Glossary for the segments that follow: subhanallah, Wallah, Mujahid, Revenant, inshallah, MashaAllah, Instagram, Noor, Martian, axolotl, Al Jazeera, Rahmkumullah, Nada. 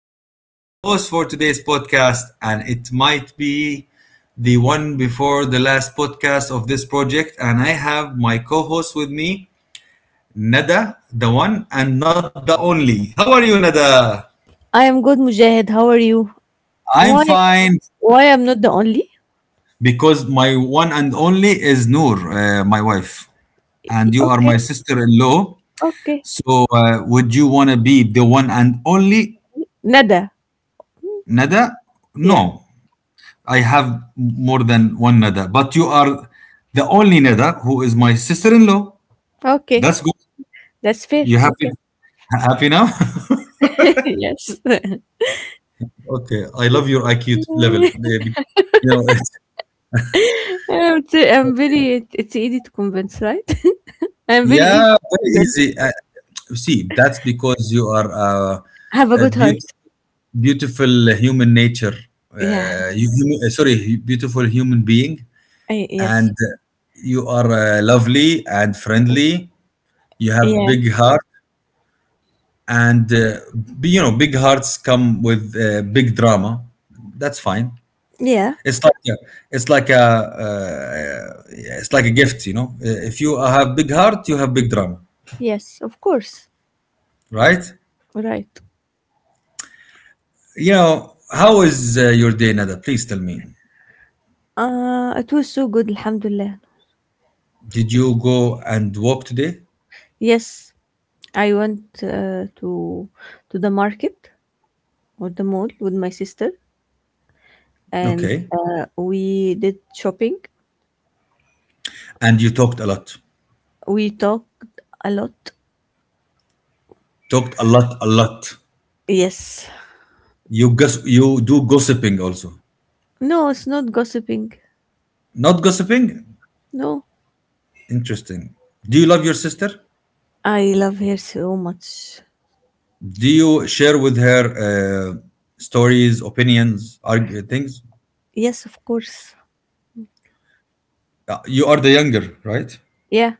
and I am the host for today's podcast. And it might be the one before the last podcast of this project. And I have my co host with me, Nada, the one and not the only. How are you, Nada? I am good, Mujahid. How are you? I'm Why fine. why I'm not the only? Because my one and only is Noor, my wife, and you are Okay, my sister in law. okay. So, would you want to be the one and only Nada. Nada? No. Yeah. I have more than one nether, but you are the only nether who is my sister-in-law. Okay. That's good. That's fair. You happy? Okay. Happy now? yes. Okay, I love your IQ level, baby. You know, I'm very it's easy to convince, right? I'm very easy yeah, to very convince. easy. See, that's because you are Have a a good heart. beautiful, beautiful human nature. Yeah. You, sorry, beautiful human being, I, and yes. You are lovely and friendly. You have Yeah. big heart. And you know big hearts come with big drama. That's fine. Yeah. it's like a, it's like a yeah, it's like a gift, you know. If you have big heart you have big drama, Yes, of course. right? Right. You know how is your day, Nada? Please tell me. It was so good, alhamdulillah. Did you go and walk today? Yes, I went to the market or the mall with my sister and Okay. We did shopping. And you talked a lot. We talked a lot. Talked a lot a lot. Yes. You guess you do gossiping also? No, it's not gossiping. Not gossiping. No. Interesting. Do you love your sister? I love her so much. Do you share with her uh, stories, opinions, argue, things? Yes, of course. You are the younger, right? Yeah.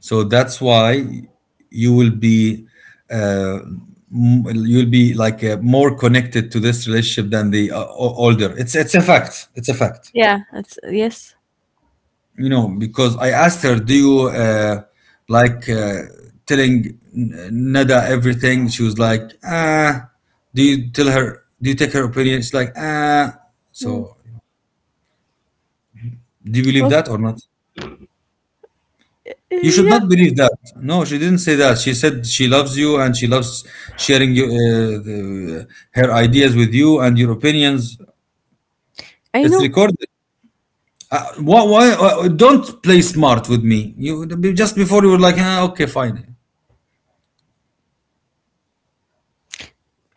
So that's why you will be uh, you'll be like more connected to this relationship than the older. It's a fact. It's a fact. Yeah. That's yes. You know, because I asked her, "Do you like telling Nada everything?" She was like, "Ah." Do you tell her? Do you take her opinion? She's like, "Ah." Mm. So do you believe Okay. that or not? You should Yeah. not believe that. No, she didn't say that. She said she loves you and she loves sharing you, her ideas with you and your opinions. I It's know. recorded. Don't play smart with me. You, just before, you were like, ah, okay, fine.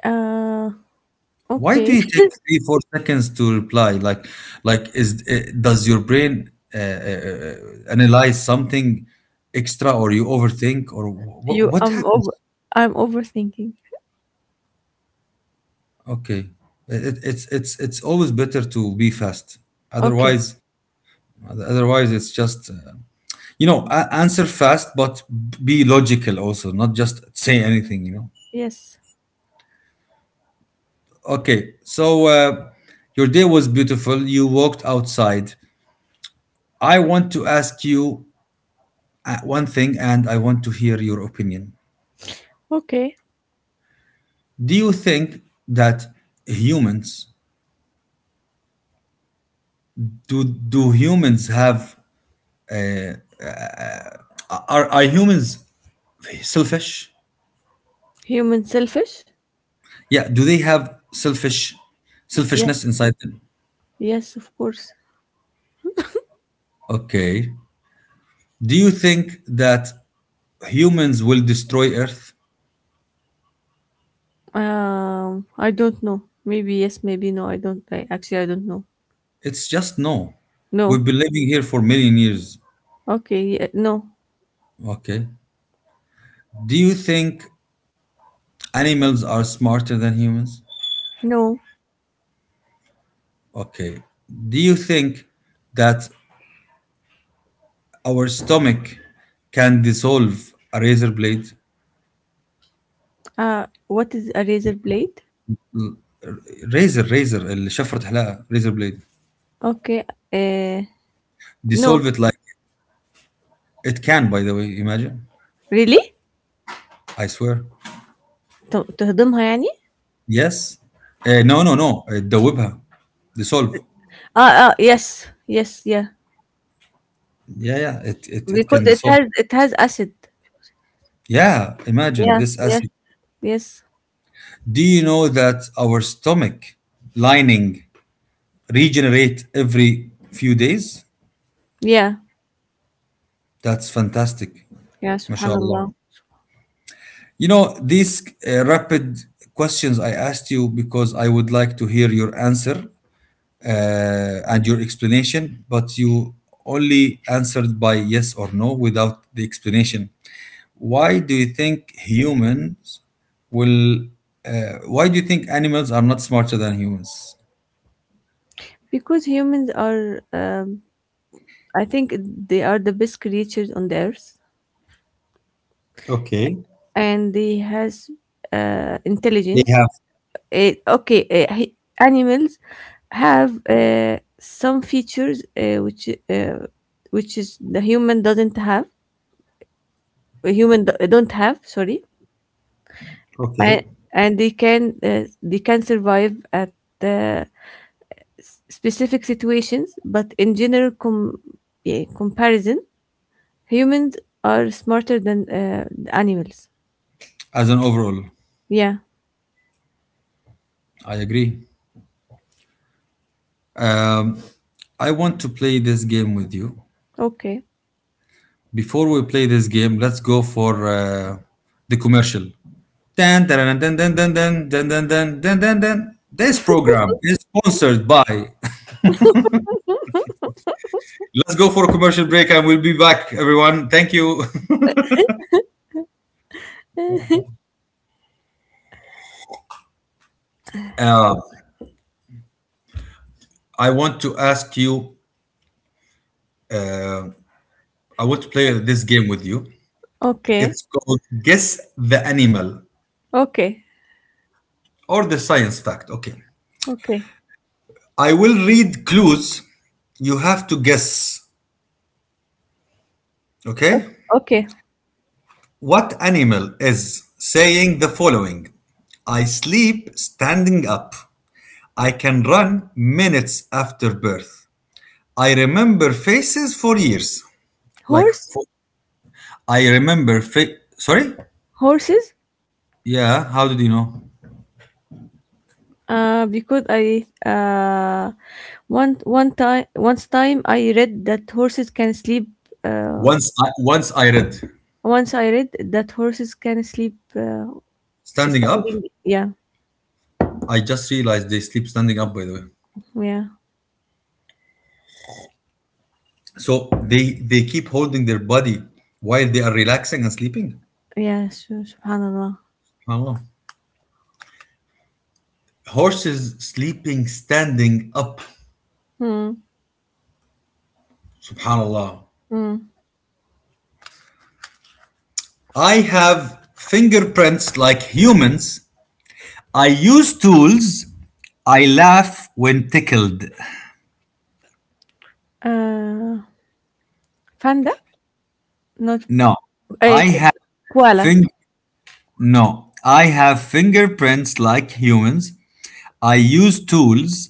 Uh, Why do okay. you take three, 4 seconds to reply? Like is does your brain analyze something extra, or you overthink, or You, what I'm happens? over, I'm overthinking. Okay, it, it's always better to be fast. Okay. Otherwise, otherwise it's just you know, answer fast, but be logical also, not just say anything. You know. Yes. Okay, so your day was beautiful. You walked outside. I want to ask you one thing, and I want to hear your opinion. Okay. Do you think that humans do do humans have are humans selfish? Human selfish? Yeah, do they have Yeah. selfishness inside them? Yes, of course. Okay. Do you think that humans will destroy Earth? I don't know. Maybe yes, maybe no. I actually I don't know. It's just no. We've No. been living here for million years. Okay. Yeah, no. Okay. Do you think animals are smarter than humans? No. Okay. Do you think that our stomach can dissolve a razor blade? What is a razor blade? Razor, razor, اللي شفرة حلاقة, razor blade. Okay. Uh, no. Dissolve it like it can, by the way, imagine. Really? I swear. ت- تهضمها يعني؟ Yes. No, no. No, تدوبها. Dissolve. اه اه yes, yes, yeah, Yeah, yeah. It because can it dissolve. has it has acid. Yeah. Imagine Yeah, this yes, acid. yes, Do you know that our stomach lining regenerate every few days? yeah, That's fantastic. yeah. Subhanallah. MashaAllah. You know, these rapid questions I asked you because I would like to hear your answer uh, and your explanation, but you only answered by yes or no without the explanation. Why do you think humans will? Why do you think animals are not smarter than humans? Because humans are I think they are the best creatures on the earth, Okay. and they has They intelligence. have. Okay, animals have some features which is the human doesn't have. A don't have. Sorry, and, Okay. They can survive at uh, specific situations, but in general yeah, comparison, humans are smarter than the animals. As an overall, Yeah. I agree. Um, I want to play this game with you. Okay. Before we play this game, let's go for the commercial. Dun, dun, dun, dun, dun, dun, dun, dun, dun, dun, dun, dun. This program is sponsored by. Let's go for a commercial break and we'll be back, everyone. Thank you. Uh, I want to ask you, uh, I want to play this game with you. Okay. It's called Guess the Animal Okay. or the Science Fact. Okay. Okay. I will read clues. You have to guess. Okay. O- Okay. What animal is saying the following? I sleep standing up. I can run minutes after birth. I remember faces for years. Like, Horse. for, I remember sorry? Horses. Yeah. How did you know? Because I one one time once time I read that horses can sleep. Uh, Once I read. once I read that horses can sleep Standing up. standing. Yeah, I just realized they sleep standing up, by the way. yeah, So they keep holding their body while they are relaxing and sleeping. yeah. Subhanallah. Subhanallah. Horses sleeping standing up. Hmm. Subhanallah. Hmm. I have fingerprints like humans. I use tools. I laugh when tickled. Uh, panda? Not No, uh, I have koala. fing no, I have fingerprints like humans. I use tools.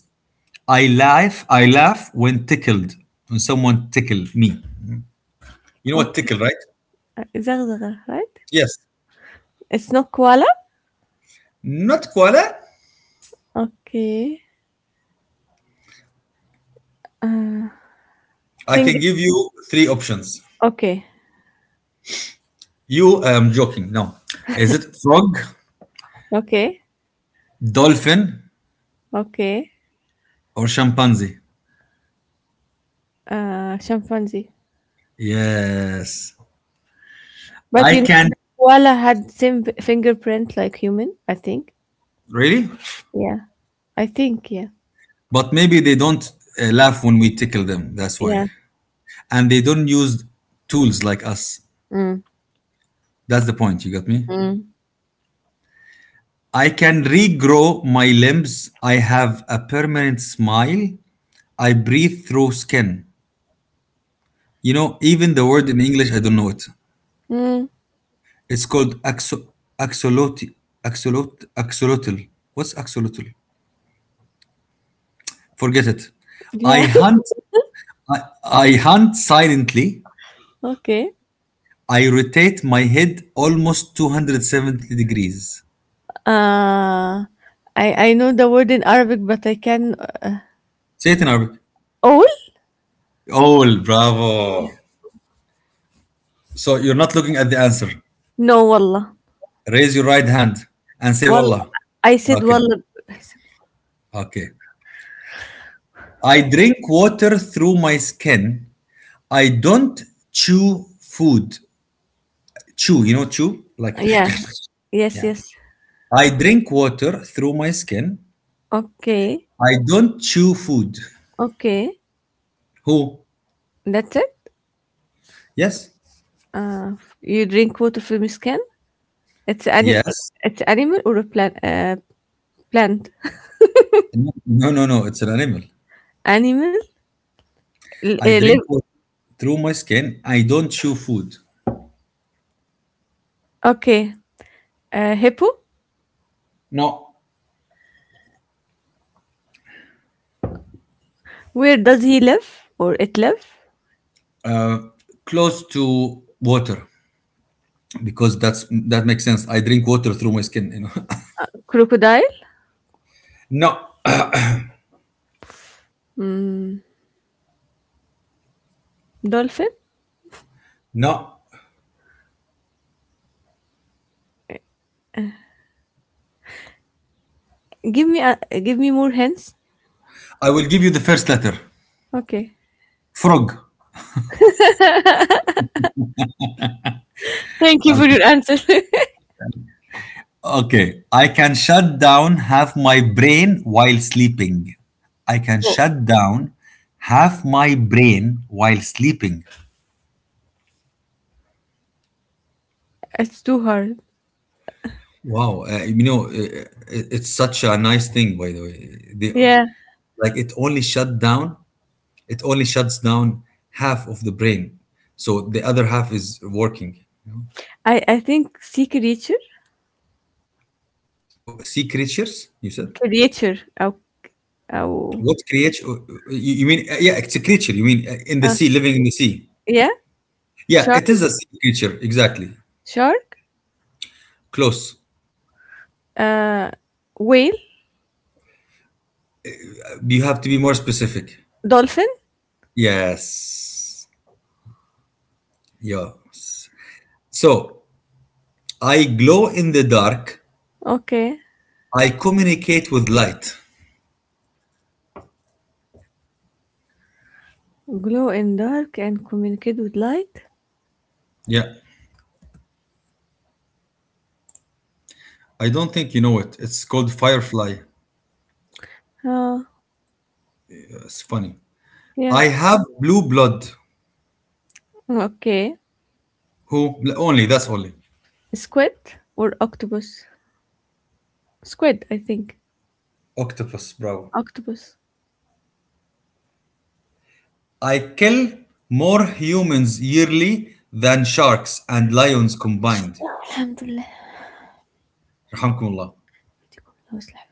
I laugh. I laugh when tickled. When someone tickle me. You know what Okay. tickle, right? Zagzaga, right? Yes. It's not koala. Not koala. Okay. Uh, I finger. can give you three options. Okay. You, I'm joking. No. Is it frog, Okay. dolphin, Okay. or chimpanzee? Chimpanzee. Yes. But I you know, the can. koala had same fingerprint like human, I think. Really? Yeah. I think, yeah. But maybe they don't laugh when we tickle them. That's why. Yeah. And they don't use tools like us. Mm. That's the point. You got me? Mm. I can regrow my limbs. I have a permanent smile. I breathe through skin. You know, even the word in English, I don't know it. Mm. It's called axolotl. Axolotl. What's axolotl? Forget it. Yeah. I hunt. I hunt silently. okay. I rotate my head almost 270 degrees. Uh I know the word in Arabic, but I can Say it in Arabic. all? Oh, bravo. So you're not looking at the answer. No, wallah. Raise your right hand and say Well, Wallah. I said Okay. wallah. Okay. I drink water through my skin. I don't chew food. Chew, you know, chew? Like, Yeah. Yes, yeah. yes. I drink water through my skin. Okay. I don't chew food. Okay. Who? That's it. Yes. Uh, you drink water from his can? It's any Yes. it's animal or a plant plant? No, no, no. No, it's an animal. Animal? I Uh, drink live. water through my skin. I don't chew food. Okay. Hippo. No, Where does he live or it live? close to water, because that makes sense. I drink water through my skin. You know. Crocodile. no, Mm, dolphin. no. Give me a, give me more hints. I will give you the first letter. Okay. Frog. Thank you for Okay. your answer. Okay, I can shut down half my brain while sleeping. I can Oh, shut down half my brain while sleeping. it's too hard. Wow, you know, it's such a nice thing, by the way. They, Yeah. like it only shuts down half of the brain, so the other half is working. You know. I think sea creature. So, sea creatures, you said? Creature. Oh. Oh. What creature? You mean? Yeah, it's a creature. You mean in the Uh, sea, living in the sea? yeah. Yeah, Shark. it is a sea creature, exactly. Shark. Close. Uh, whale. You have to be more specific. Dolphin. Yes. Yes. So I glow in the dark. Okay. I communicate with light. Glow in dark and communicate with light. Yeah. I don't think you know it. It's called Firefly. Uh, It's funny. yeah. I have blue blood. Okay. Who? Only. That's only. Squid or octopus? Squid, I think. Octopus. Bravo. Octopus. I kill more humans yearly than sharks and lions combined. Alhamdulillah. لله Rahmkumullah. يديكم الله ويصلح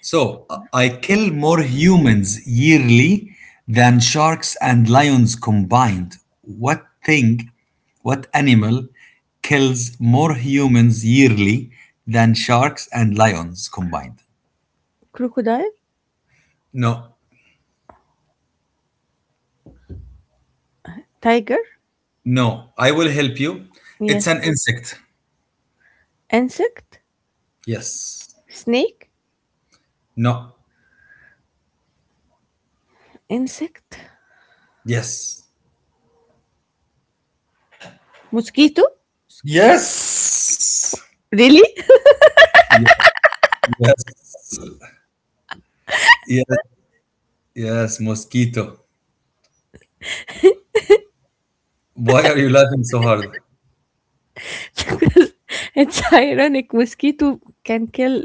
So I kill more humans yearly than sharks and lions combined. What thing, what animal kills more humans yearly than sharks and lions combined? Crocodile, No, tiger, no, I will help you. It's yes. an insect. Insect, Yes. snake, No. insect, Yes. mosquito. Mosquito. Yes. Really? Ye- Yes. Yes. Yes. Mosquito. Why are you laughing so hard? Because it's ironic. Mosquito can kill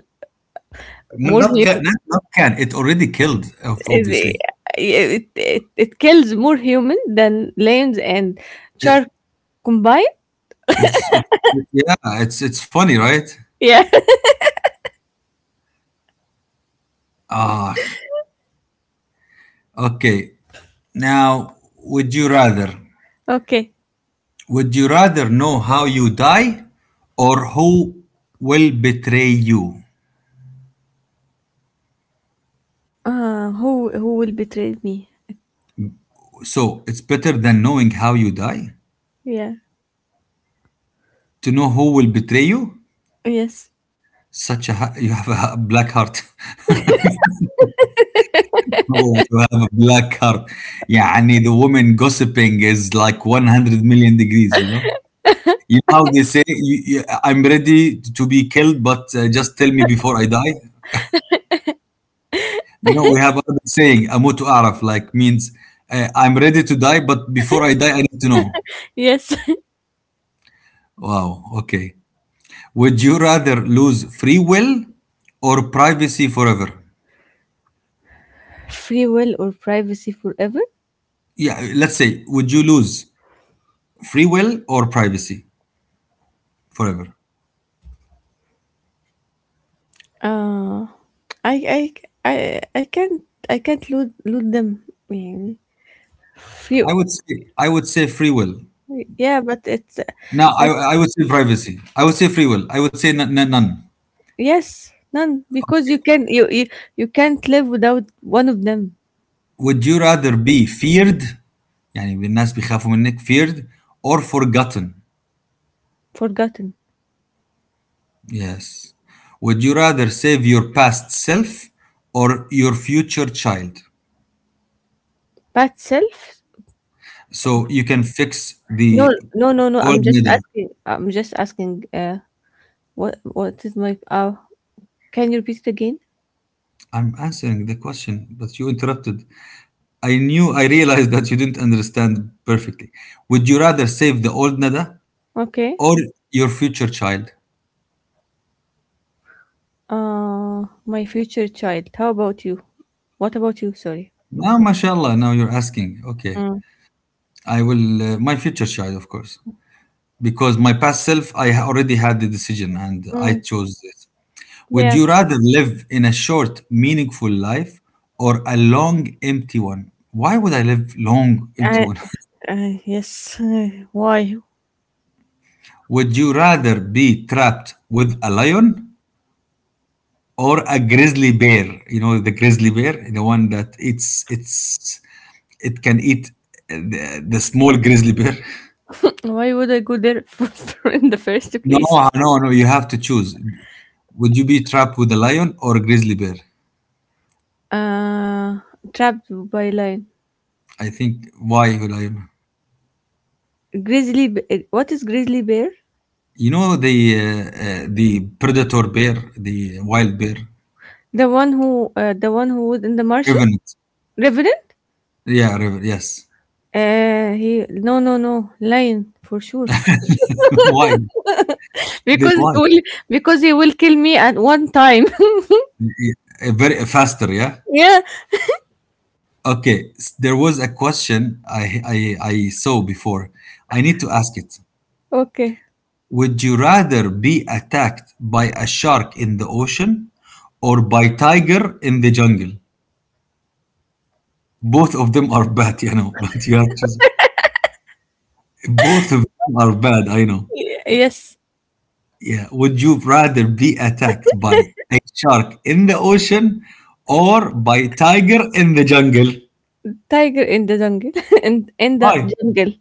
more Not can, human. not, not can. It already killed, obviously. It, it kills more human than lions and It, shark combined. it's it, yeah. It's funny, right? Yeah. Ah, okay. Now, would you rather? Okay. Would you rather know how you die, or who will betray you? Who will betray me? So it's better than knowing how you die Yeah. to know who will betray you. Yes. Such a you have a black heart. والله, you have a black heart. يعني the woman gossiping is like 100 million degrees, you know. You know how they say, you, I'm ready to be killed but just tell me before I die. You know, we have another saying, أموت أعرف, like means I'm ready to die but before I die I need to know. Yes. Wow, okay. Would you rather lose free will or privacy forever? Free will or privacy forever? Yeah, let's say, would you lose free will or privacy forever? Uh, I I I, I can't, loot loot them. يعني. Free, I would say free will. yeah, but it's No, I, I would say privacy. I would say free will. I would say none. yes, none because you, you, you can't live without one of them. Would you rather be feared, يعني الناس بيخافوا منك, feared or forgotten? Forgotten. Yes. Would you rather save your past self or your future child? Bad self? So you can fix No, the no, no, no. old Nida. I'm just asking. What is my? Can you repeat it again? I'm answering the question, but you interrupted. I knew, I realized that you didn't understand perfectly. Would you rather save the old Nida Okay. or your future child? My future child. How about you? What about you? Sorry. Now, mashallah, now you're asking. Okay. Mm. I will, my future child, of course, because my past self, I already had the decision and I Mm. chose this. Would Yeah. you rather live in a short, meaningful life or a long, empty one? Why would I live long, empty I, one? Yes. Why? would you rather be trapped with a lion or a grizzly bear? You know, the grizzly bear, the one that eats, it can eat the small grizzly bear. Why would I go there for in the first No, place? No, no. You have to choose. Would you be trapped with a lion or a grizzly bear? Uh, trapped by lion. I think why a lion? Grizzly. Bear. What is grizzly bear? You know uh, the predator bear, the wild bear, The one who. The one who was in the Martian. revenant. Revenant. Yeah, revenant. Yes. He. No, no, no. Lion for sure. why? Then because he why? will. Because he will kill me at one time. Very faster. Yeah. yeah. Okay. There was a question I saw before. I need to ask it. Okay. Would you rather be attacked by a shark in the ocean or by tiger in the jungle? Both of them are bad, but you have to. Both of them are bad, I know. Yes. Yeah. Would you rather be attacked by a shark in the ocean or by tiger in the jungle? Tiger in the jungle in the Why? jungle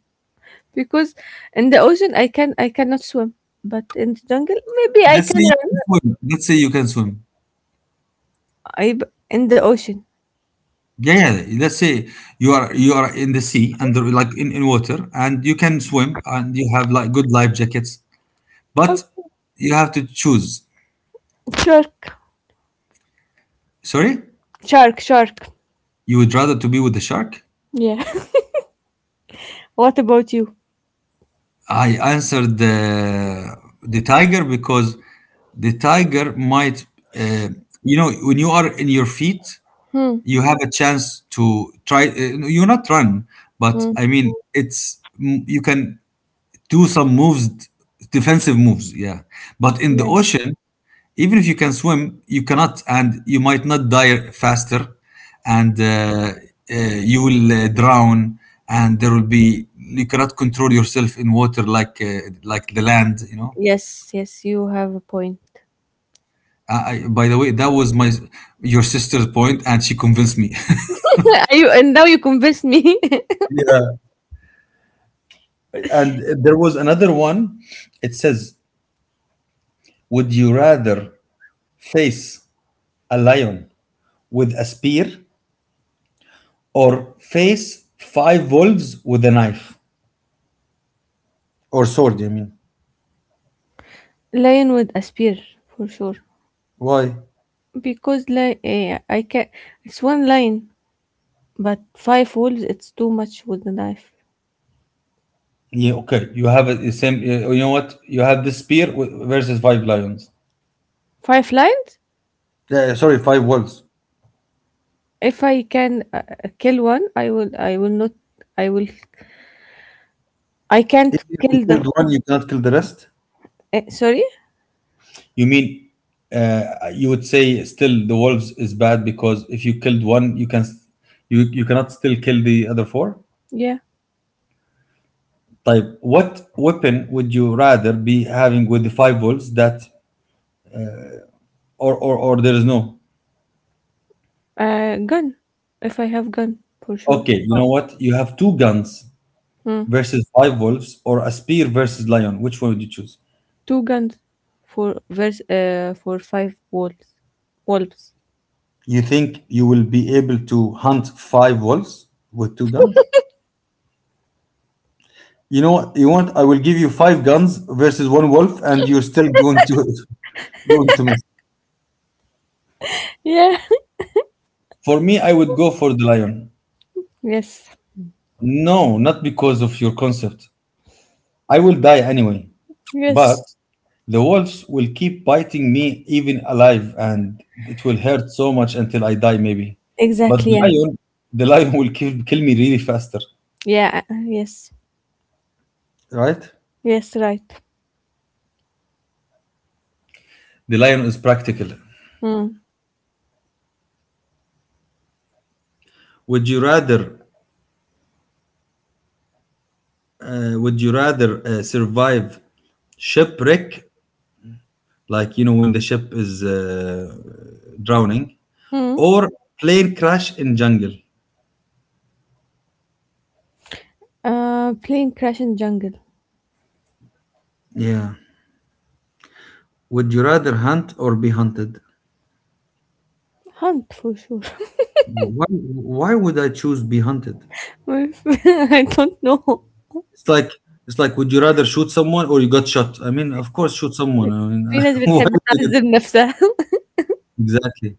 because in the ocean I cannot swim, but in the jungle maybe I Let's can say you run. can swim. Let's say you can swim. I In the ocean. Yeah, yeah. Let's say you are in the sea and like in water and you can swim and you have like good life jackets. But Okay. you have to choose. Shark, Sorry? Shark. You would rather to be with the shark? Yeah. what about you? I answered the tiger because the tiger might, uh, when you are in your feet, Hmm. you have a chance to try. You not run, but Hmm. I mean, it's you can do some moves, defensive moves. Yeah, but in the Yeah. ocean, even if you can swim, you cannot, and you might not die faster, and you will drown, and there will be you cannot control yourself in water like the land. You know. Yes. Yes. You have a point. I, by the way, that was my your sister's point, and she convinced me. you, and now you convinced me. Yeah. And there was another one. It says, would you rather face a lion with a spear or face five wolves with a knife. Or sword, you mean? Lion with a spear for sure Why? because like I can. It's one lion, but five wolves. It's too much with the knife. Yeah, okay. You have the same. You know what? You have the spear versus five lions. Five lions? Sorry, five wolves. If I can, kill one, I will not I will I If can't you kill the killed one, you cannot kill the rest. Sorry? You mean you would say still the wolves is bad because if you killed one, you cannot still kill the other four. Yeah. Type what weapon would you rather be having with the five wolves that or there is no Gun. If I have gun, for sure. Okay, you know what? You have two guns Hmm. versus five wolves or a spear versus lion. Which one would you choose? Two guns for five wolves. Wolves. You think you will be able to hunt five wolves with two guns? You know what? You want? I will give you five guns versus one wolf, and you're still going to going to miss. Yeah. For me, I would go for the lion. Yes. No, not because of your concept. I will die anyway. Yes. But the wolves will keep biting me even alive, and it will hurt so much until I die, maybe. But Exactly. the Yeah. lion, the lion will kill me really faster, Yeah. Yes. right? Yes. Right. The lion is practical. Hmm. Would you rather, would you rather survive shipwreck, like when the ship is drowning, Hmm. or plane crash in jungle? Plane crash in jungle. Yeah. Would you rather hunt or be hunted? Hunt for sure. Why would I choose be hunted? I don't know. It's like it's like, would you rather shoot someone or you got shot? I mean, of course, shoot someone. I mean, في ناس why بتحب would you تعذب نفسها exactly?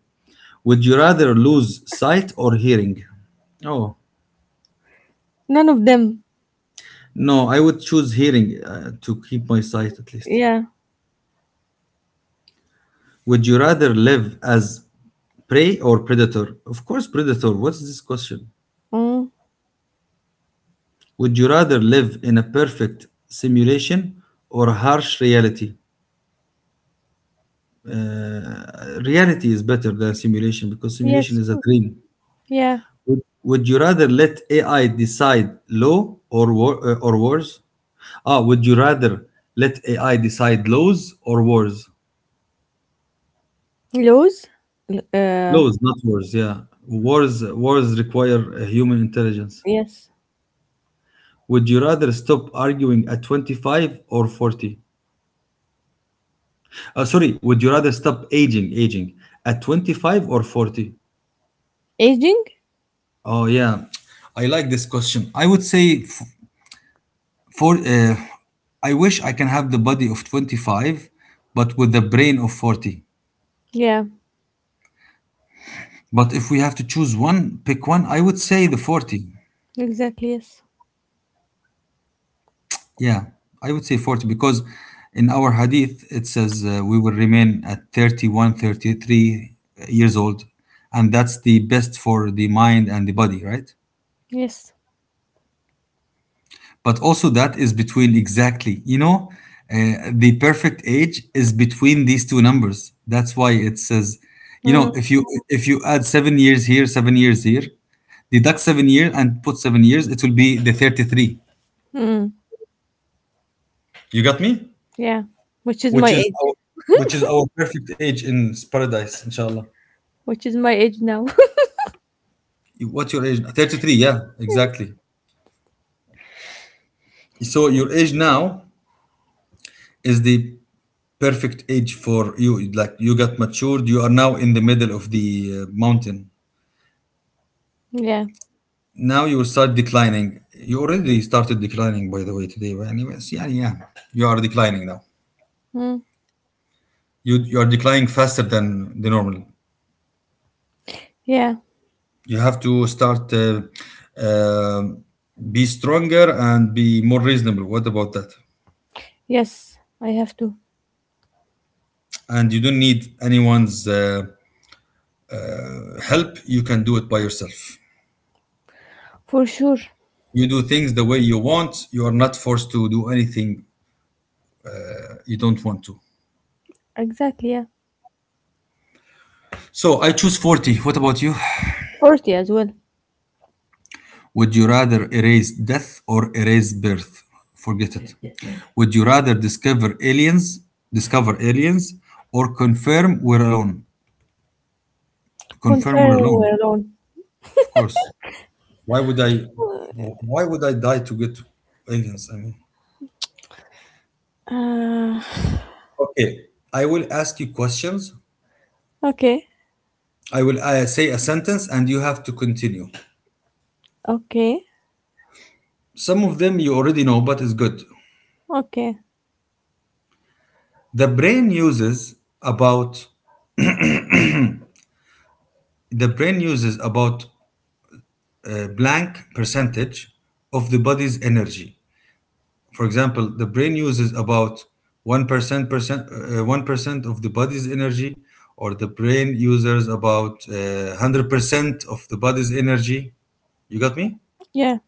Would you rather lose sight or hearing? Oh None of them. no, I would choose hearing to keep my sight at least. Yeah. Would you rather live as prey or predator? Of course, predator. What is this question? Mm. Would you rather live in a perfect simulation or a harsh reality? Reality is better than simulation because simulation Yes. is a Mm. dream. Yeah. Would you rather let AI decide law or war, or wars? Would you rather let AI decide laws or wars? Laws. L- Uh. Laws, not wars. Yeah, wars require human intelligence. Yes. Would you rather stop arguing at 25 or 40? Sorry, would you rather stop aging at 25 or 40? Aging. Oh yeah, I like this question. I would say for I wish I can have the body of 25, but with the brain of 40. Yeah. But if we have to choose one, pick one, I would say the 40. Exactly. Yes. Yeah, I would say 40 because in our hadith it says we will remain at 31, 33 years old, and that's the best for the mind and the body, right? Yes. But also that is between exactly, the perfect age is between these two numbers. That's why it says, Mm. If you add 7 years here, 7 years here, deduct 7 years and put 7 years, it will be the 33. Mm. You got me? Yeah. Which is Which my is age. our, which is our perfect age in paradise, inshallah. Which is my age now. What's your age? 33. Yeah, exactly. So your age now is the perfect age for you. Like you got matured, you are now in the middle of the mountain. yeah. Now you will start declining. You already started declining, by the way, today. But anyways, yeah, yeah, you are declining now. Mm. You are declining faster than the normal. Yeah. You have to start uh, be stronger and be more reasonable. What about that? Yes. I have to. And you don't need anyone's help. You can do it by yourself. For sure. You do things the way you want. You are not forced to do anything you don't want to. Exactly. Yeah. So I choose 40. What about you? Forty as well. Would you rather erase death or erase birth? Forget it. Would you rather discover aliens, or confirm we're alone? Confirm Confirm we're alone, we're alone. of course. Why would I? Why would I die to get aliens? I mean, Uh, okay. I will ask you questions. okay. I will say a sentence, and you have to continue. Okay. Some of them you already know, but it's good. Okay. The brain uses about the brain uses about blank percentage of the body's energy. For example, the brain uses about 1% 1% of the body's energy, or the brain uses about 100% of the body's energy. You got me? Yeah.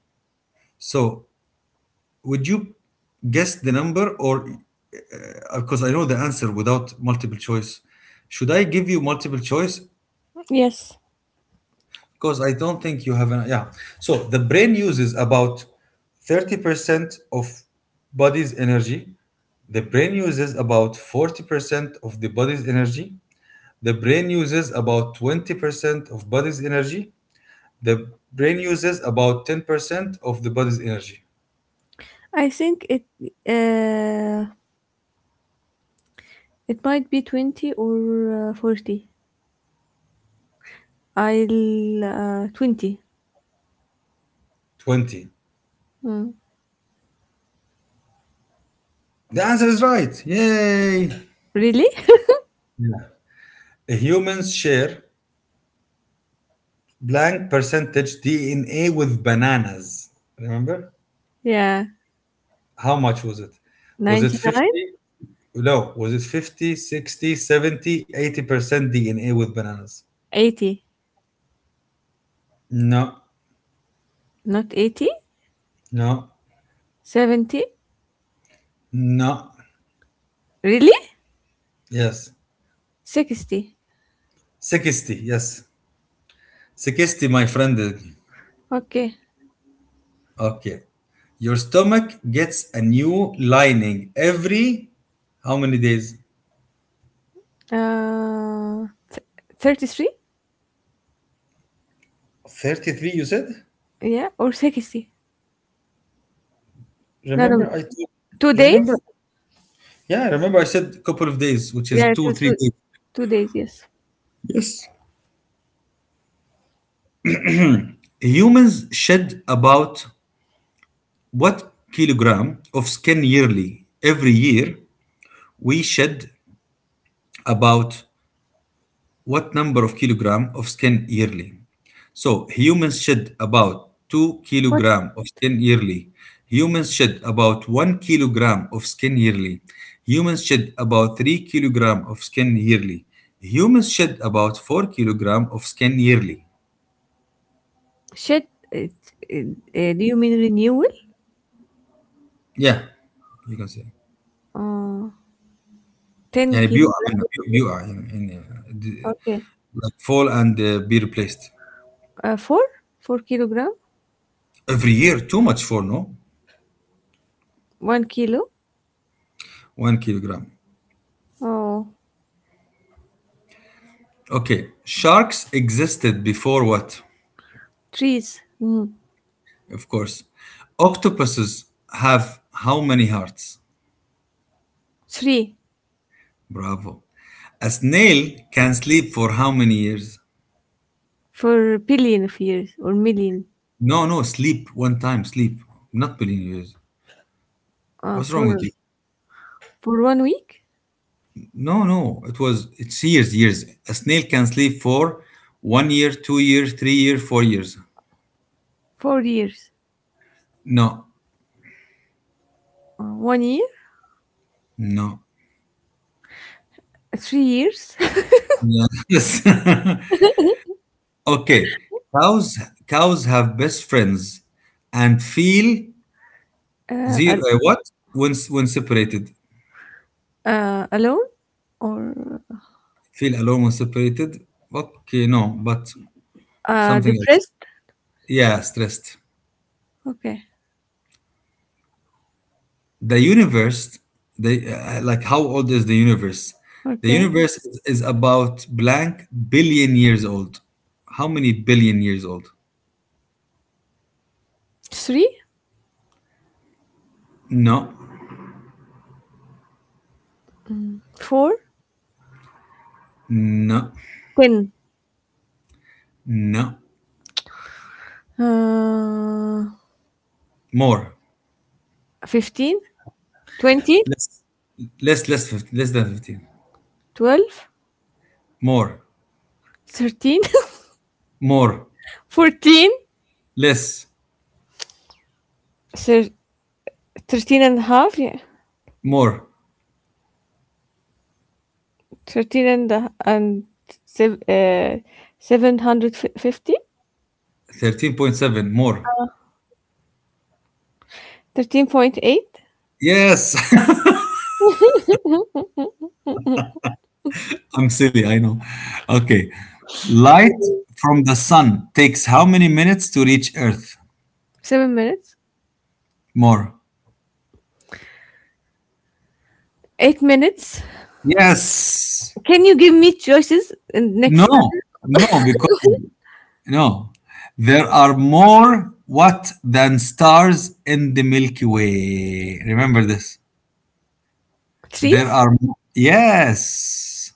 So, would you guess the number, or because I know the answer without multiple choice, should I give you multiple choice Yes. because I don't think you have an yeah. So the brain uses about 30% of body's energy. The brain uses about 40% of the body's energy. The brain uses about 20% of body's energy. The brain uses about 10% of the body's energy. I think it. Uh. It might be 20 or 40. I'll 20. 20. Mm. The answer is right. Yay! Really? Yeah. Humans share blank percentage DNA with bananas. Remember? Yeah. How much was it? Was it 99? 50? No, was it 50, 60, 70, 80% DNA with bananas? 80. No, Not 80? no, 70? no. Really? Yes. 60. 60, yes. 60, my friend. Okay. Okay. Your stomach gets a new lining every how many days? Uh, th- 33? 33, you said? Yeah, or 60. No, Remember, no. I told, Two remember, days? yeah, remember I said couple of days, which is Yeah, two, three days. 2 days, yes. Yes. Humans shed about what kilogram of skin yearly? Every year we shed about what number of kilogram of skin yearly? So humans shed about 2 What? kilogram of skin yearly. Humans shed about 1 kilogram of skin yearly. Humans shed about 3 kilogram of skin yearly. Humans shed about 4 kilogram of skin yearly. Shed? It, it, do you mean renewal? Yeah, you can say. Uh, 10 يعني بيقع kilogram? منه بيقع يعني, يعني Okay. like fall and be replaced. 4? 4 kilogram? Every year, too much for no? 1 kilo? 1 kilogram. Oh, Okay, sharks existed before what? trees. Mm. Of course. Octopuses have how many hearts? 3 Bravo. A snail can sleep for how many years? for billion of years or million. No, no, sleep one time, sleep. Not billion years. Uh, What's wrong with for you? for 1 week? No, no, it's years, years. A snail can sleep for 1 year, 2 years, 3 years, 4 years. 4 years. No, 1 year? no. 3 years? Yeah. Yes. Okay, cows cows have best friends and feel uh, zero al- what when separated alone? Or feel alone when separated. Okay, no, but something else. depressed? Yeah, stressed. Okay. The universe, they like how old is the universe? The Okay. universe is about blank billion years old. How many billion years old? 3? No, 4? no, 10? no. Uh, More. 15? 20? Less, less, less, 50, less than 15. 12? More, 13? more. 14? Less, Thir- 13. Yeah. more, 13 and sev- uh, seven hundred fifty. 13.7, more. Thirteen point eight. Yes, I'm silly, I know. Okay. Light from the sun takes how many minutes to reach Earth? Seven minutes. More. 8 minutes. Yes. Can you give me choices in next time? No, no, because no. There are more what than stars in the Milky Way. Remember this. There Trees. are, yes.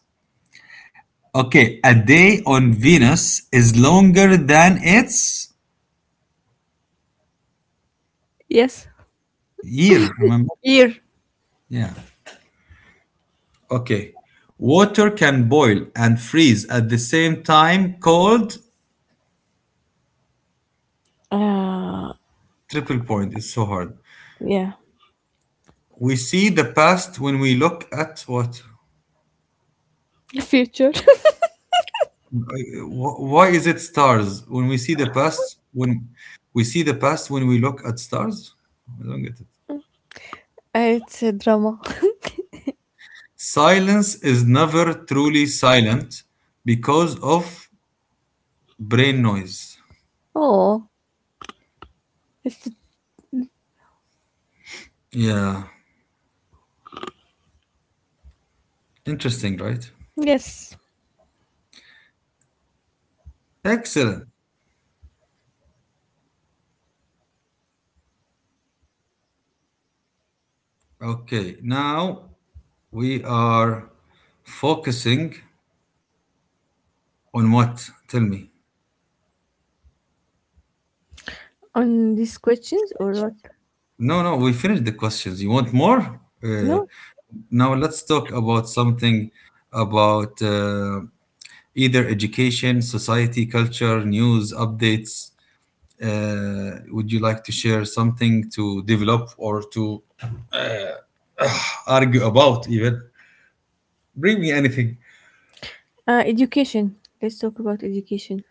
Okay, a day on Venus is longer than its Yes. year, remember? Year. Yeah. Okay. Water can boil and freeze at the same time called uh triple point. It's so hard. yeah. We see the past when we look at what? Future. Why is it stars? When we see the past, when we look at stars? I don't get it. it's a drama. Silence is never truly silent because of brain noise. Oh, it's Yeah. Interesting, right? yes Excellent. Okay. Now, we are focusing on what? Tell me. on these questions or what? No, no, we finished the questions. You want more? No. Now let's talk about something about either education, society, culture, news, updates. Would you like to share something to develop or to argue about? Even bring me anything. Uh, education, let's talk about education.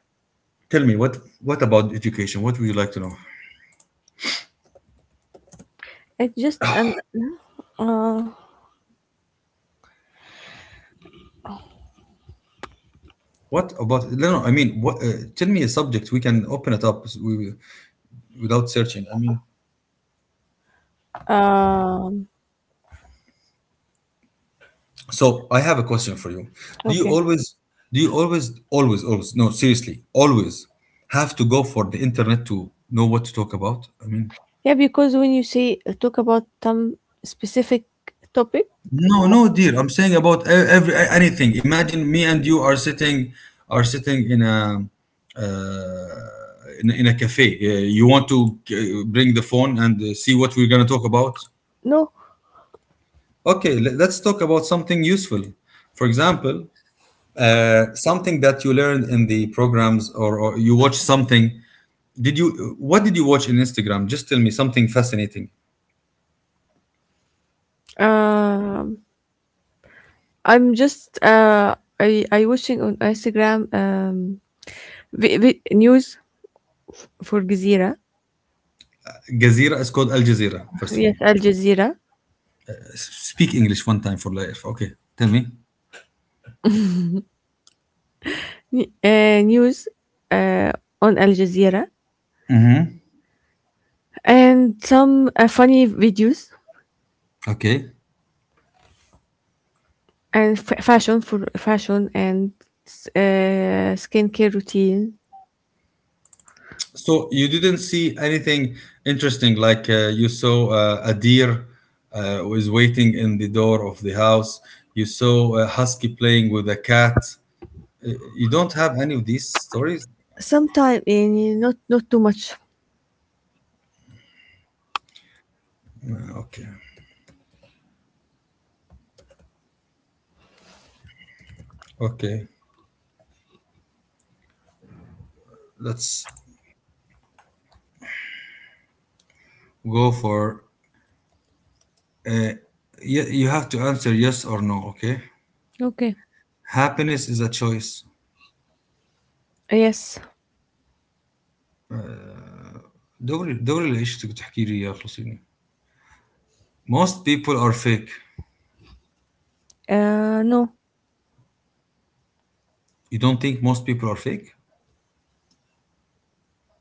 Tell me what about education? What would you like to know? It's just an no? What about no? No, I mean, what, tell me a subject. We can open it up. We without searching. I mean, Uh, um, so I have a question for you. Do you okay. always, do you always, always, always, no, seriously, always have to go for the internet to know what to talk about? I mean, Yeah, because when you say talk about some specific topic, no, mo- no, dear. I'm saying about every anything. Imagine me and you are sitting, Are sitting in a, uh, in, in a cafe. You want to bring the phone and see what we're gonna talk about. no, Okay, let's talk about something useful. For example, something that you learned in the programs or you watched something did you what did you watch in instagram, just tell me something fascinating. um, I watching on Instagram news for Jazeera. Jazeera is called Al Jazeera, first of all. Yes, Al Jazeera. Speak English one time for life. Okay, tell me. News uh, on Al Jazeera and some funny videos Okay. and fashion and skincare routine. So you didn't see anything interesting like you saw a deer was waiting in the door of the house. You saw a husky playing with a cat. You don't have any of these stories? Sometime in not not too much. Okay. Okay. That's go for you, you have to answer yes or no, okay? Okay. Happiness is a choice. Yes. دوري دوري العيش اللي بتحكي لي اياه خلصيني. Most people are fake. No, You don't think most people are fake?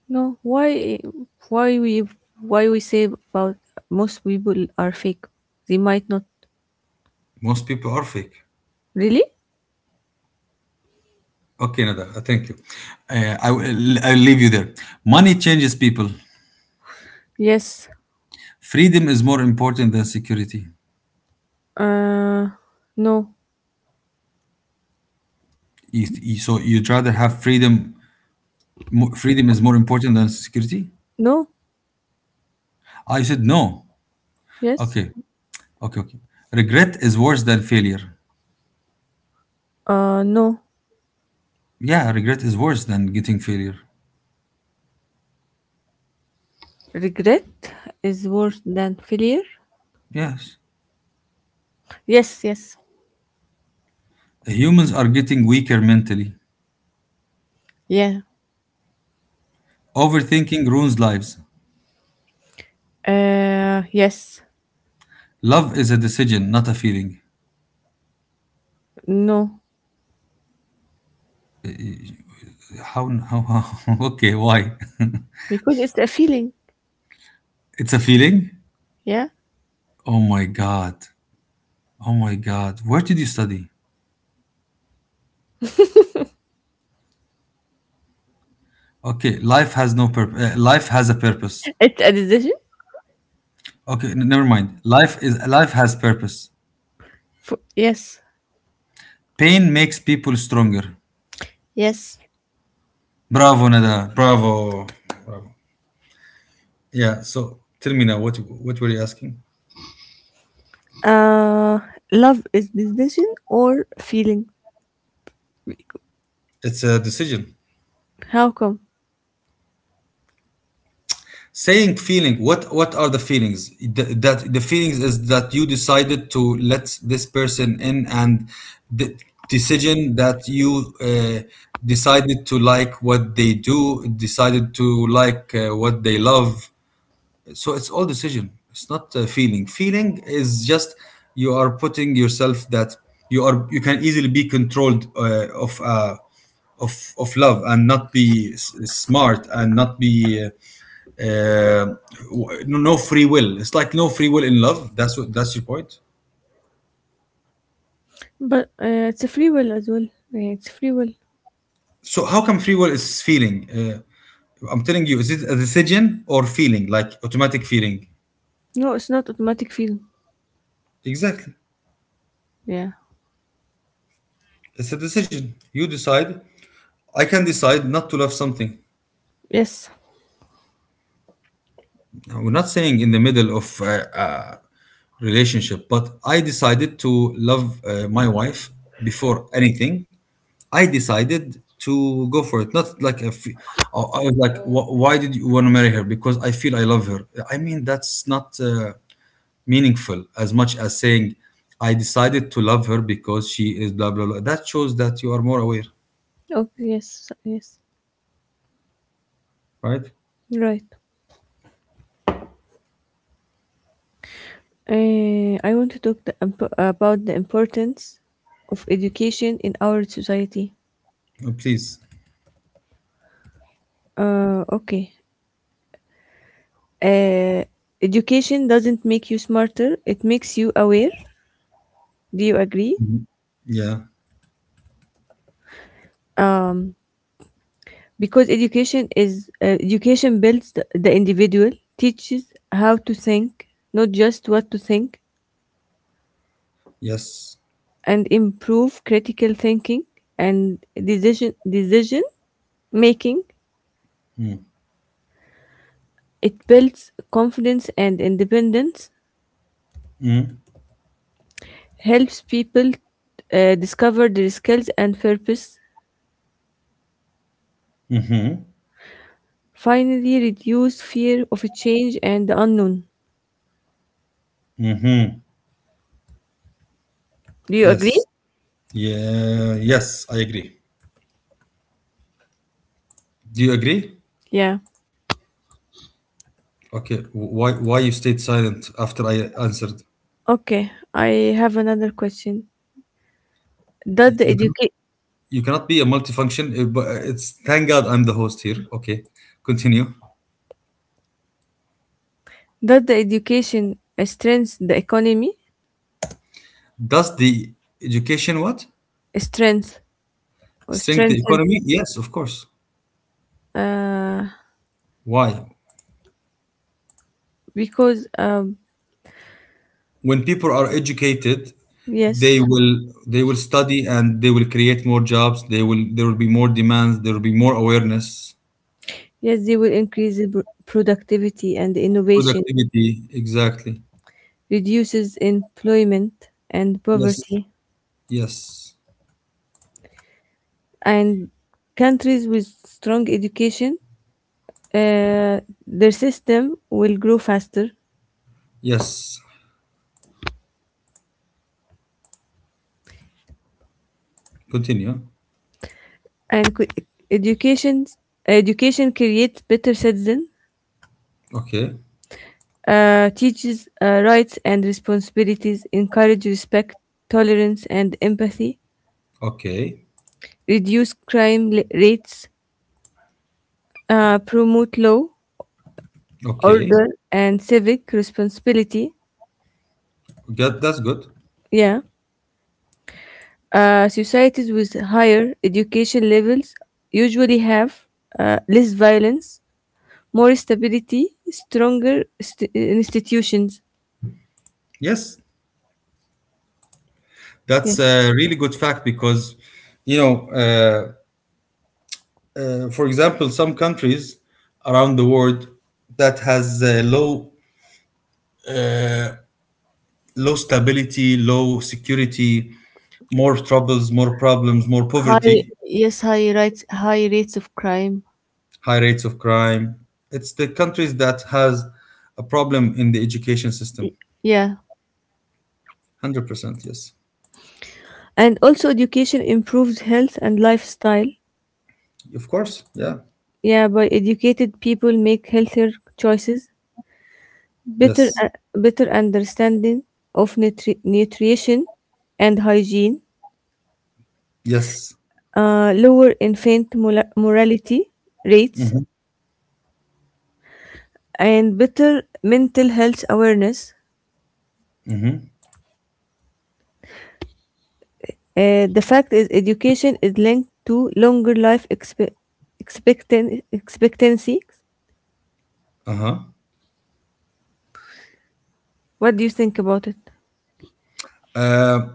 no. Why we, why we say about most people are fake? They might not Most people are fake. really. Okay, Nada, thank you. I'll leave you there. Money changes people. Yes. Freedom is more important than security. Uh, no, So you'd rather have freedom. Freedom is more important than security? no. I said no. Yes. Okay, okay, okay. Regret is worse than failure. No. Yeah, regret is worse than getting failure. Regret is worse than failure. Yes. Yes. Yes. Humans are getting weaker mentally. Yeah. Overthinking ruins lives. Yes. Love is a decision, not a feeling. No, How? How okay, why? because it's a feeling. It's a feeling? Yeah. Oh my God. Oh my God. Where did you study? Okay, life has no purpose. Life has a purpose. It's a decision. Okay, never mind. Life has purpose. For, yes. Pain makes people stronger. Yes. Bravo, Nada. Bravo. Bravo. Yeah, so tell me now, what were you asking? Uh, love is decision or feeling. It's a decision. How come? Saying feeling, what are the feelings? That the feelings is that you decided to let this person in, and the decision that you decided to like what they do, decided to like what they love, so it's all decision, it's not feeling. Feeling is just you are putting yourself that you can easily be controlled of love, and not be smart, and not be uh, no no free will. It's like no free will in love. That's your point. But it's a free will as well. Yeah, it's free will. So how come free will is feeling? I'm telling you, is it a decision or feeling? Like automatic feeling? No, it's not automatic freedom. Exactly. Yeah. It's a decision. You decide. I can decide not to love something. Yes. Now, we're not saying in the middle of a relationship, but I decided to love my wife before anything. I decided to go for it. Not like a fe- I was like, Why did you want to marry her? Because I feel I love her." I mean, that's not meaningful as much as saying, I decided to love her because she is blah, blah, blah. That shows that you are more aware, Okay. Yes. Yes. right? Right. I want to talk about the importance of education in our society. Oh, please. Okay. Uh, education doesn't make you smarter. It makes you aware. Do you agree? Mhm. Yeah. Um, because education builds the individual, teaches how to think, not just what to think, Yes. and improve critical thinking and decision making. It builds confidence and independence, Mhm. helps people discover their skills and purpose, finally reduce fear of change and the unknown. Do you agree? Yes. Yeah, yes, I agree. Do you agree? Yeah. Okay. Why you stayed silent after I answered? Okay. I have another question. Does the You can educa- you cannot be a multifunction. But it's thank God I'm the host here. Okay, continue. does the education strengthen the economy? Does the education what Strength or strengthen the strengthen? economy? Yes, of course. Uh, Why? because When people are educated, yes. They will study and they will create more jobs. They will there will be more demands. There will be more awareness, Yes, they will increase the productivity and innovation, productivity. Exactly. reduces employment and Yes. poverty, Yes. and countries with strong education, uh, their system will grow faster, Yes, continue. and education education creates better citizens, Okay, teaches rights and responsibilities, encourage respect, tolerance, and empathy, okay, reduce crime rates, promote law okay. order and civic responsibility. That, that's good. Yeah. Societies with higher education levels usually have less violence, more stability, stronger institutions. Yes, Yeah. that's a really good fact because, you know, for example, some countries around the world that has low stability, low security, more troubles, more problems, more High, poverty, yes, high rates of crime. high rates of crime. It's the countries that has a problem in the education system. Yeah. 100%, yes. And also education improves health and lifestyle. Of course, yeah, Yeah, by educated people make healthier choices, better yes. uh, better understanding of nutrition and hygiene, Yes. Lower infant morality rates, and better mental health awareness. The fact is, education is linked to longer expectancy. Uh-huh. What do you think about it? Uh,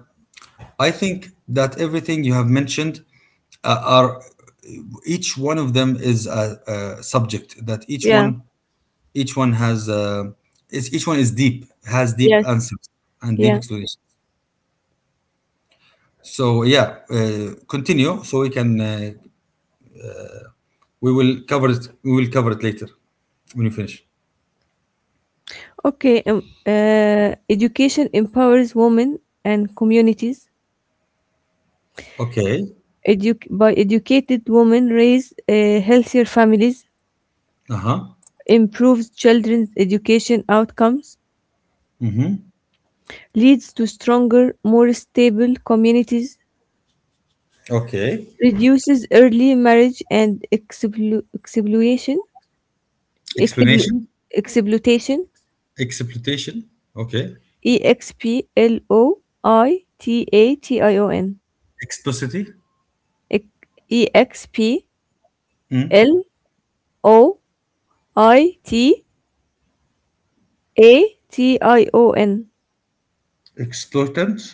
I think that everything you have mentioned are each one of them is a subject that Yeah. Each one has is each one is deep has deep Yes. answers and deep Yeah. explanations. So yeah, continue so we can we will cover it later when you finish. Okay. Education empowers women and communities. Okay. By educated women raise healthier families, Uh-huh. improves children's education outcomes, Mm-hmm. leads to stronger, more stable communities, Okay. reduces early marriage and exploitation, explu- Explanation. exploitation, Exploitation. Okay. E X P L O I T A T I O N, Explicity. E X P Mm. L O I T A T I O N. Exploitant?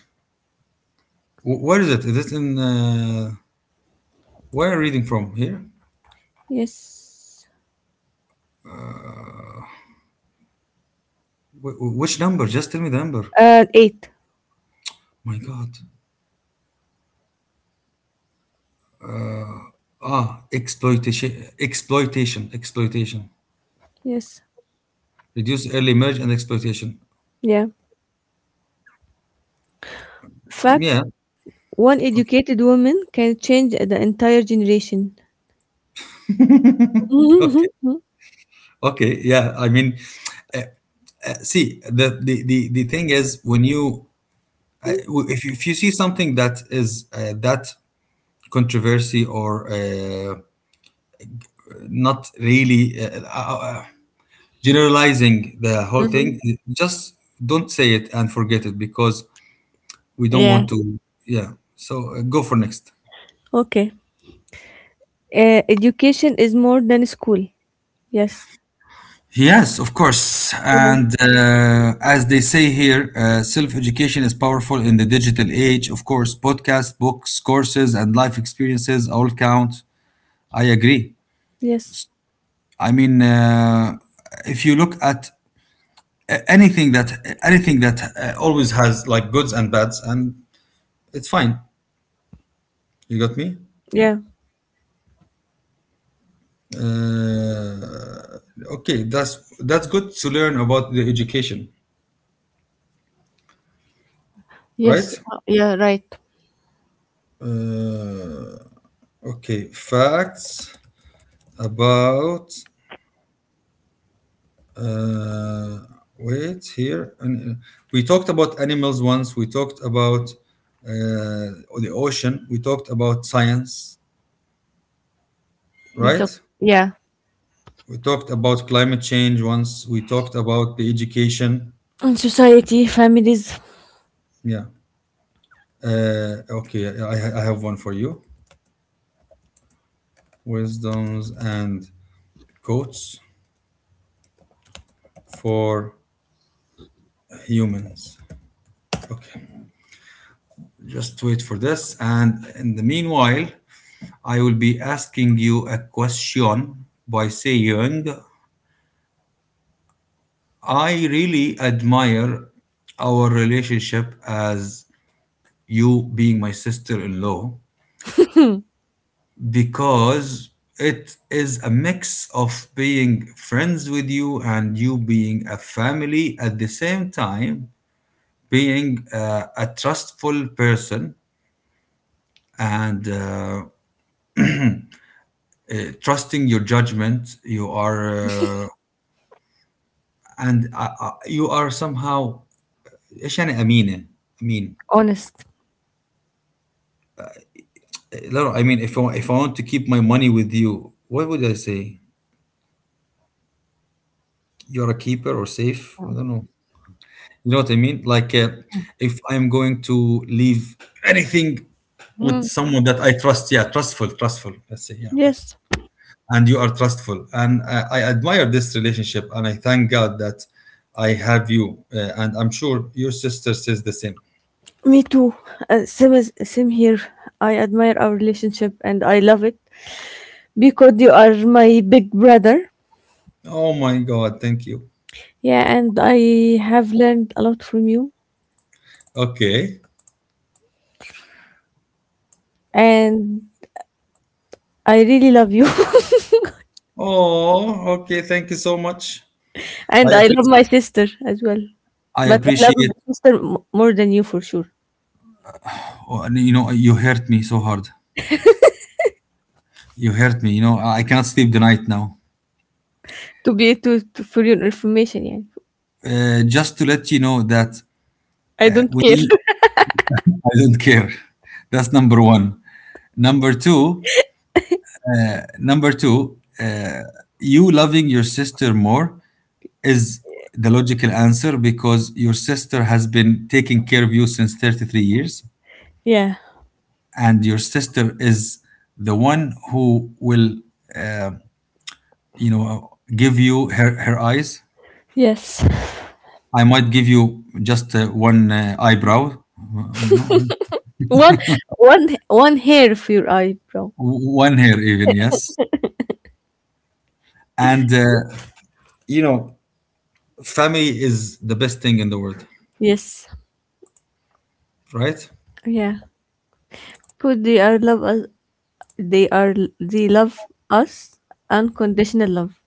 Where is it? Is it in? Where are you reading from? Here? Yes. Which number? Just tell me the number. Eight. My God. Ah, exploitation, exploitation, exploitation. Yes. Reduce early marriage and exploitation. Yeah. Fact, Yeah. one Okay. educated woman can change the entire generation. Okay. Mhm. Okay. Yeah. I mean, see, the thing is when you if you, if you see something that is that controversy or not really generalizing the whole Mhm. thing, just don't say it and forget it because we don't Yeah. want to, yeah, so go for next. Okay. Education is more than school. Yes. Yes, of course. Yeah. And as they say here, self-education is powerful in the digital age. Of course, podcasts, books, courses, and life experiences all count. I agree. Yes. I mean, if you look at anything that always has like goods and bads, and it's fine, you got me. Yeah. Uh, okay, that's good to learn about the education, Yes. right? Yeah. Right. Uh, okay, facts about. Uh, wait here. We talked about animals once. We talked about uh, the ocean. We talked about science, With the right? Yeah. We talked about climate change once. We talked about the education. And society, families, Yeah. Okay, I have one for you. Wisdoms and quotes for humans. Okay, just wait for this. And in the meanwhile, I will be asking you a question by saying, I really admire our relationship as you being my sister in law, because it is a mix of being friends with you and you being a family at the same time, being a trustful person, and uh, trusting your judgment. You are and you are somehow ايش يعني امينه امين honest. لا. I mean, if I want to keep my money with you, what would I say? You're a keeper or safe, I don't know. You know what I mean, like, if I'm going to leave anything with Mhm. someone that I trust, yeah, trustful, trustful, let's say, yeah. Yes. And you are trustful. And I admire this relationship, and I thank God that I have you. And I'm sure your sister says the same. Me too. Same as same here. I admire our relationship and I love it because you are my big brother. Oh my God, thank you. Yeah, and I have learned a lot from you, Okay. and I really love you, Oh, okay. Thank you so much. I and I love my appreciate. sister as well. I But I love my appreciate. sister more than you for sure. Oh, and you know, you hurt me so hard. You hurt me. You know, I cannot sleep the night now. To be to For your information, yeah. Just to let you know that I don't when care. you, I don't care. That's number one. Number two. Number two. You loving your sister more is the logical answer, because your sister has been taking care of you since 33 years, yeah. and your sister is the one who will uh, you know, give you her, her eyes. Yes. I might give you just one eyebrow, you know, One One hair for your eyebrow. one hair even, yes. And you know, family is the best thing in the world, Yes. right? Yeah. But they are love us. They are they love us unconditional love.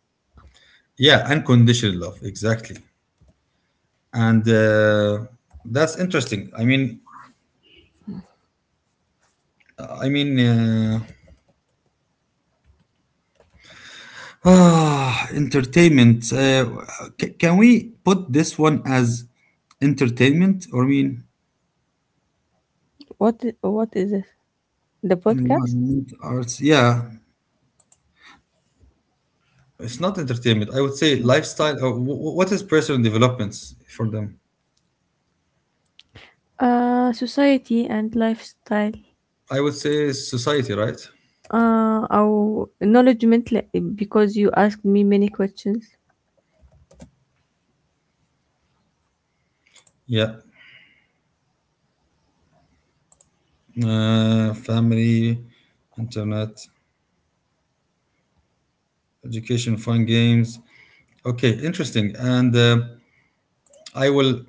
Yeah, unconditional love, exactly. And that's interesting, I mean, ah, entertainment. Can we put this one as entertainment? Or I mean, What is this? The podcast? environment, arts? Yeah, it's not entertainment. I would say lifestyle. Or what is personal developments for them? Society and lifestyle I would say society, right? أو acknowledgement لأ because you asked me many questions. Yeah. Family, internet, education, fun games. Okay, interesting. And I will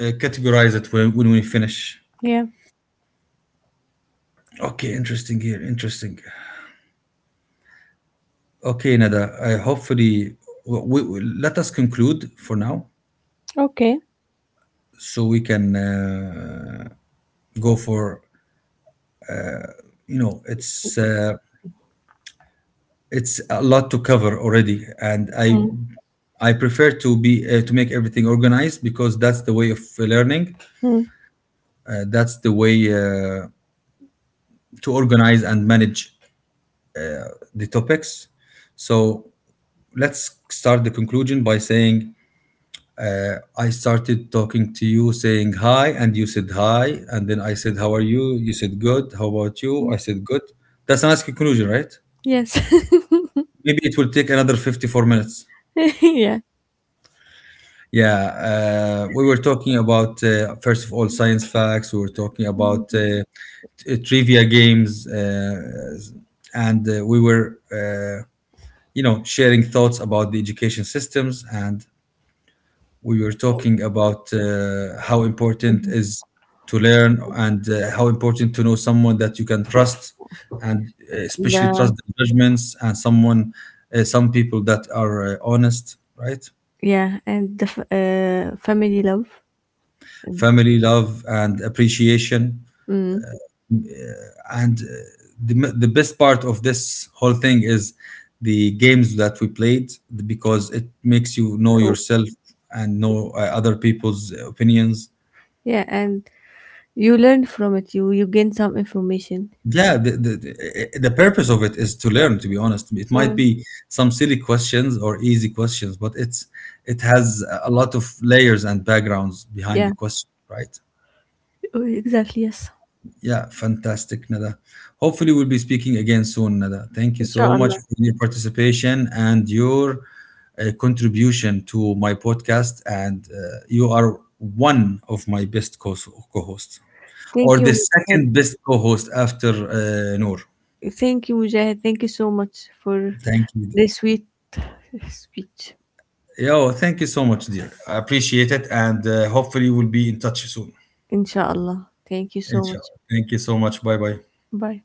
categorize it when we finish. Yeah, Okay, interesting here. Interesting. Okay, Nada. I hopefully let us conclude for now, okay. so we can go for you know it's a lot to cover already, and Mm. I prefer to be to make everything organized, because that's the way of learning. Mm. That's the way to organize and manage the topics. So let's start the conclusion by saying, Uh, I started talking to you saying hi, and you said hi, and then I said, how are you? You said good. How about you? Mm. I said good. That's a nice conclusion, right? Yes. Maybe it will take another 54 minutes. yeah. Yeah, we were talking about, first of all, science facts. We were talking about Mm. Trivia games, uh, and uh, we were, uh, you know, sharing thoughts about the education systems, and we were talking about how important is to learn, and how important to know someone that you can trust, and especially Yeah. trust the judgments, and someone some people that are honest, right? Yeah and the family love and, Family love and appreciation, mm. and the, the best part of this whole thing is the games that we played, because it makes you know Oh. yourself and know other people's opinions. Yeah, and you learn from it, you gain some information. Yeah, the purpose of it is to learn. To be honest, it might Mm. be some silly questions or easy questions, but it's it has a lot of layers and backgrounds behind Yeah. the question, right? Oh, exactly yes. Yeah, fantastic, Nada. Hopefully, we'll be speaking again soon, Nada. Thank you so much Inshallah. for your participation and your contribution to my podcast. And you are one of my best co-hosts, or Thank the you. second best co-host after Noor. Thank you, Mujahid. Thank you so much for Thank you. this sweet speech. Yeah, well, thank you so much, dear. I appreciate it, and hopefully we'll be in touch soon. Inshallah. Thank you so much. Inshallah. Thank you so much. Bye bye. Bye.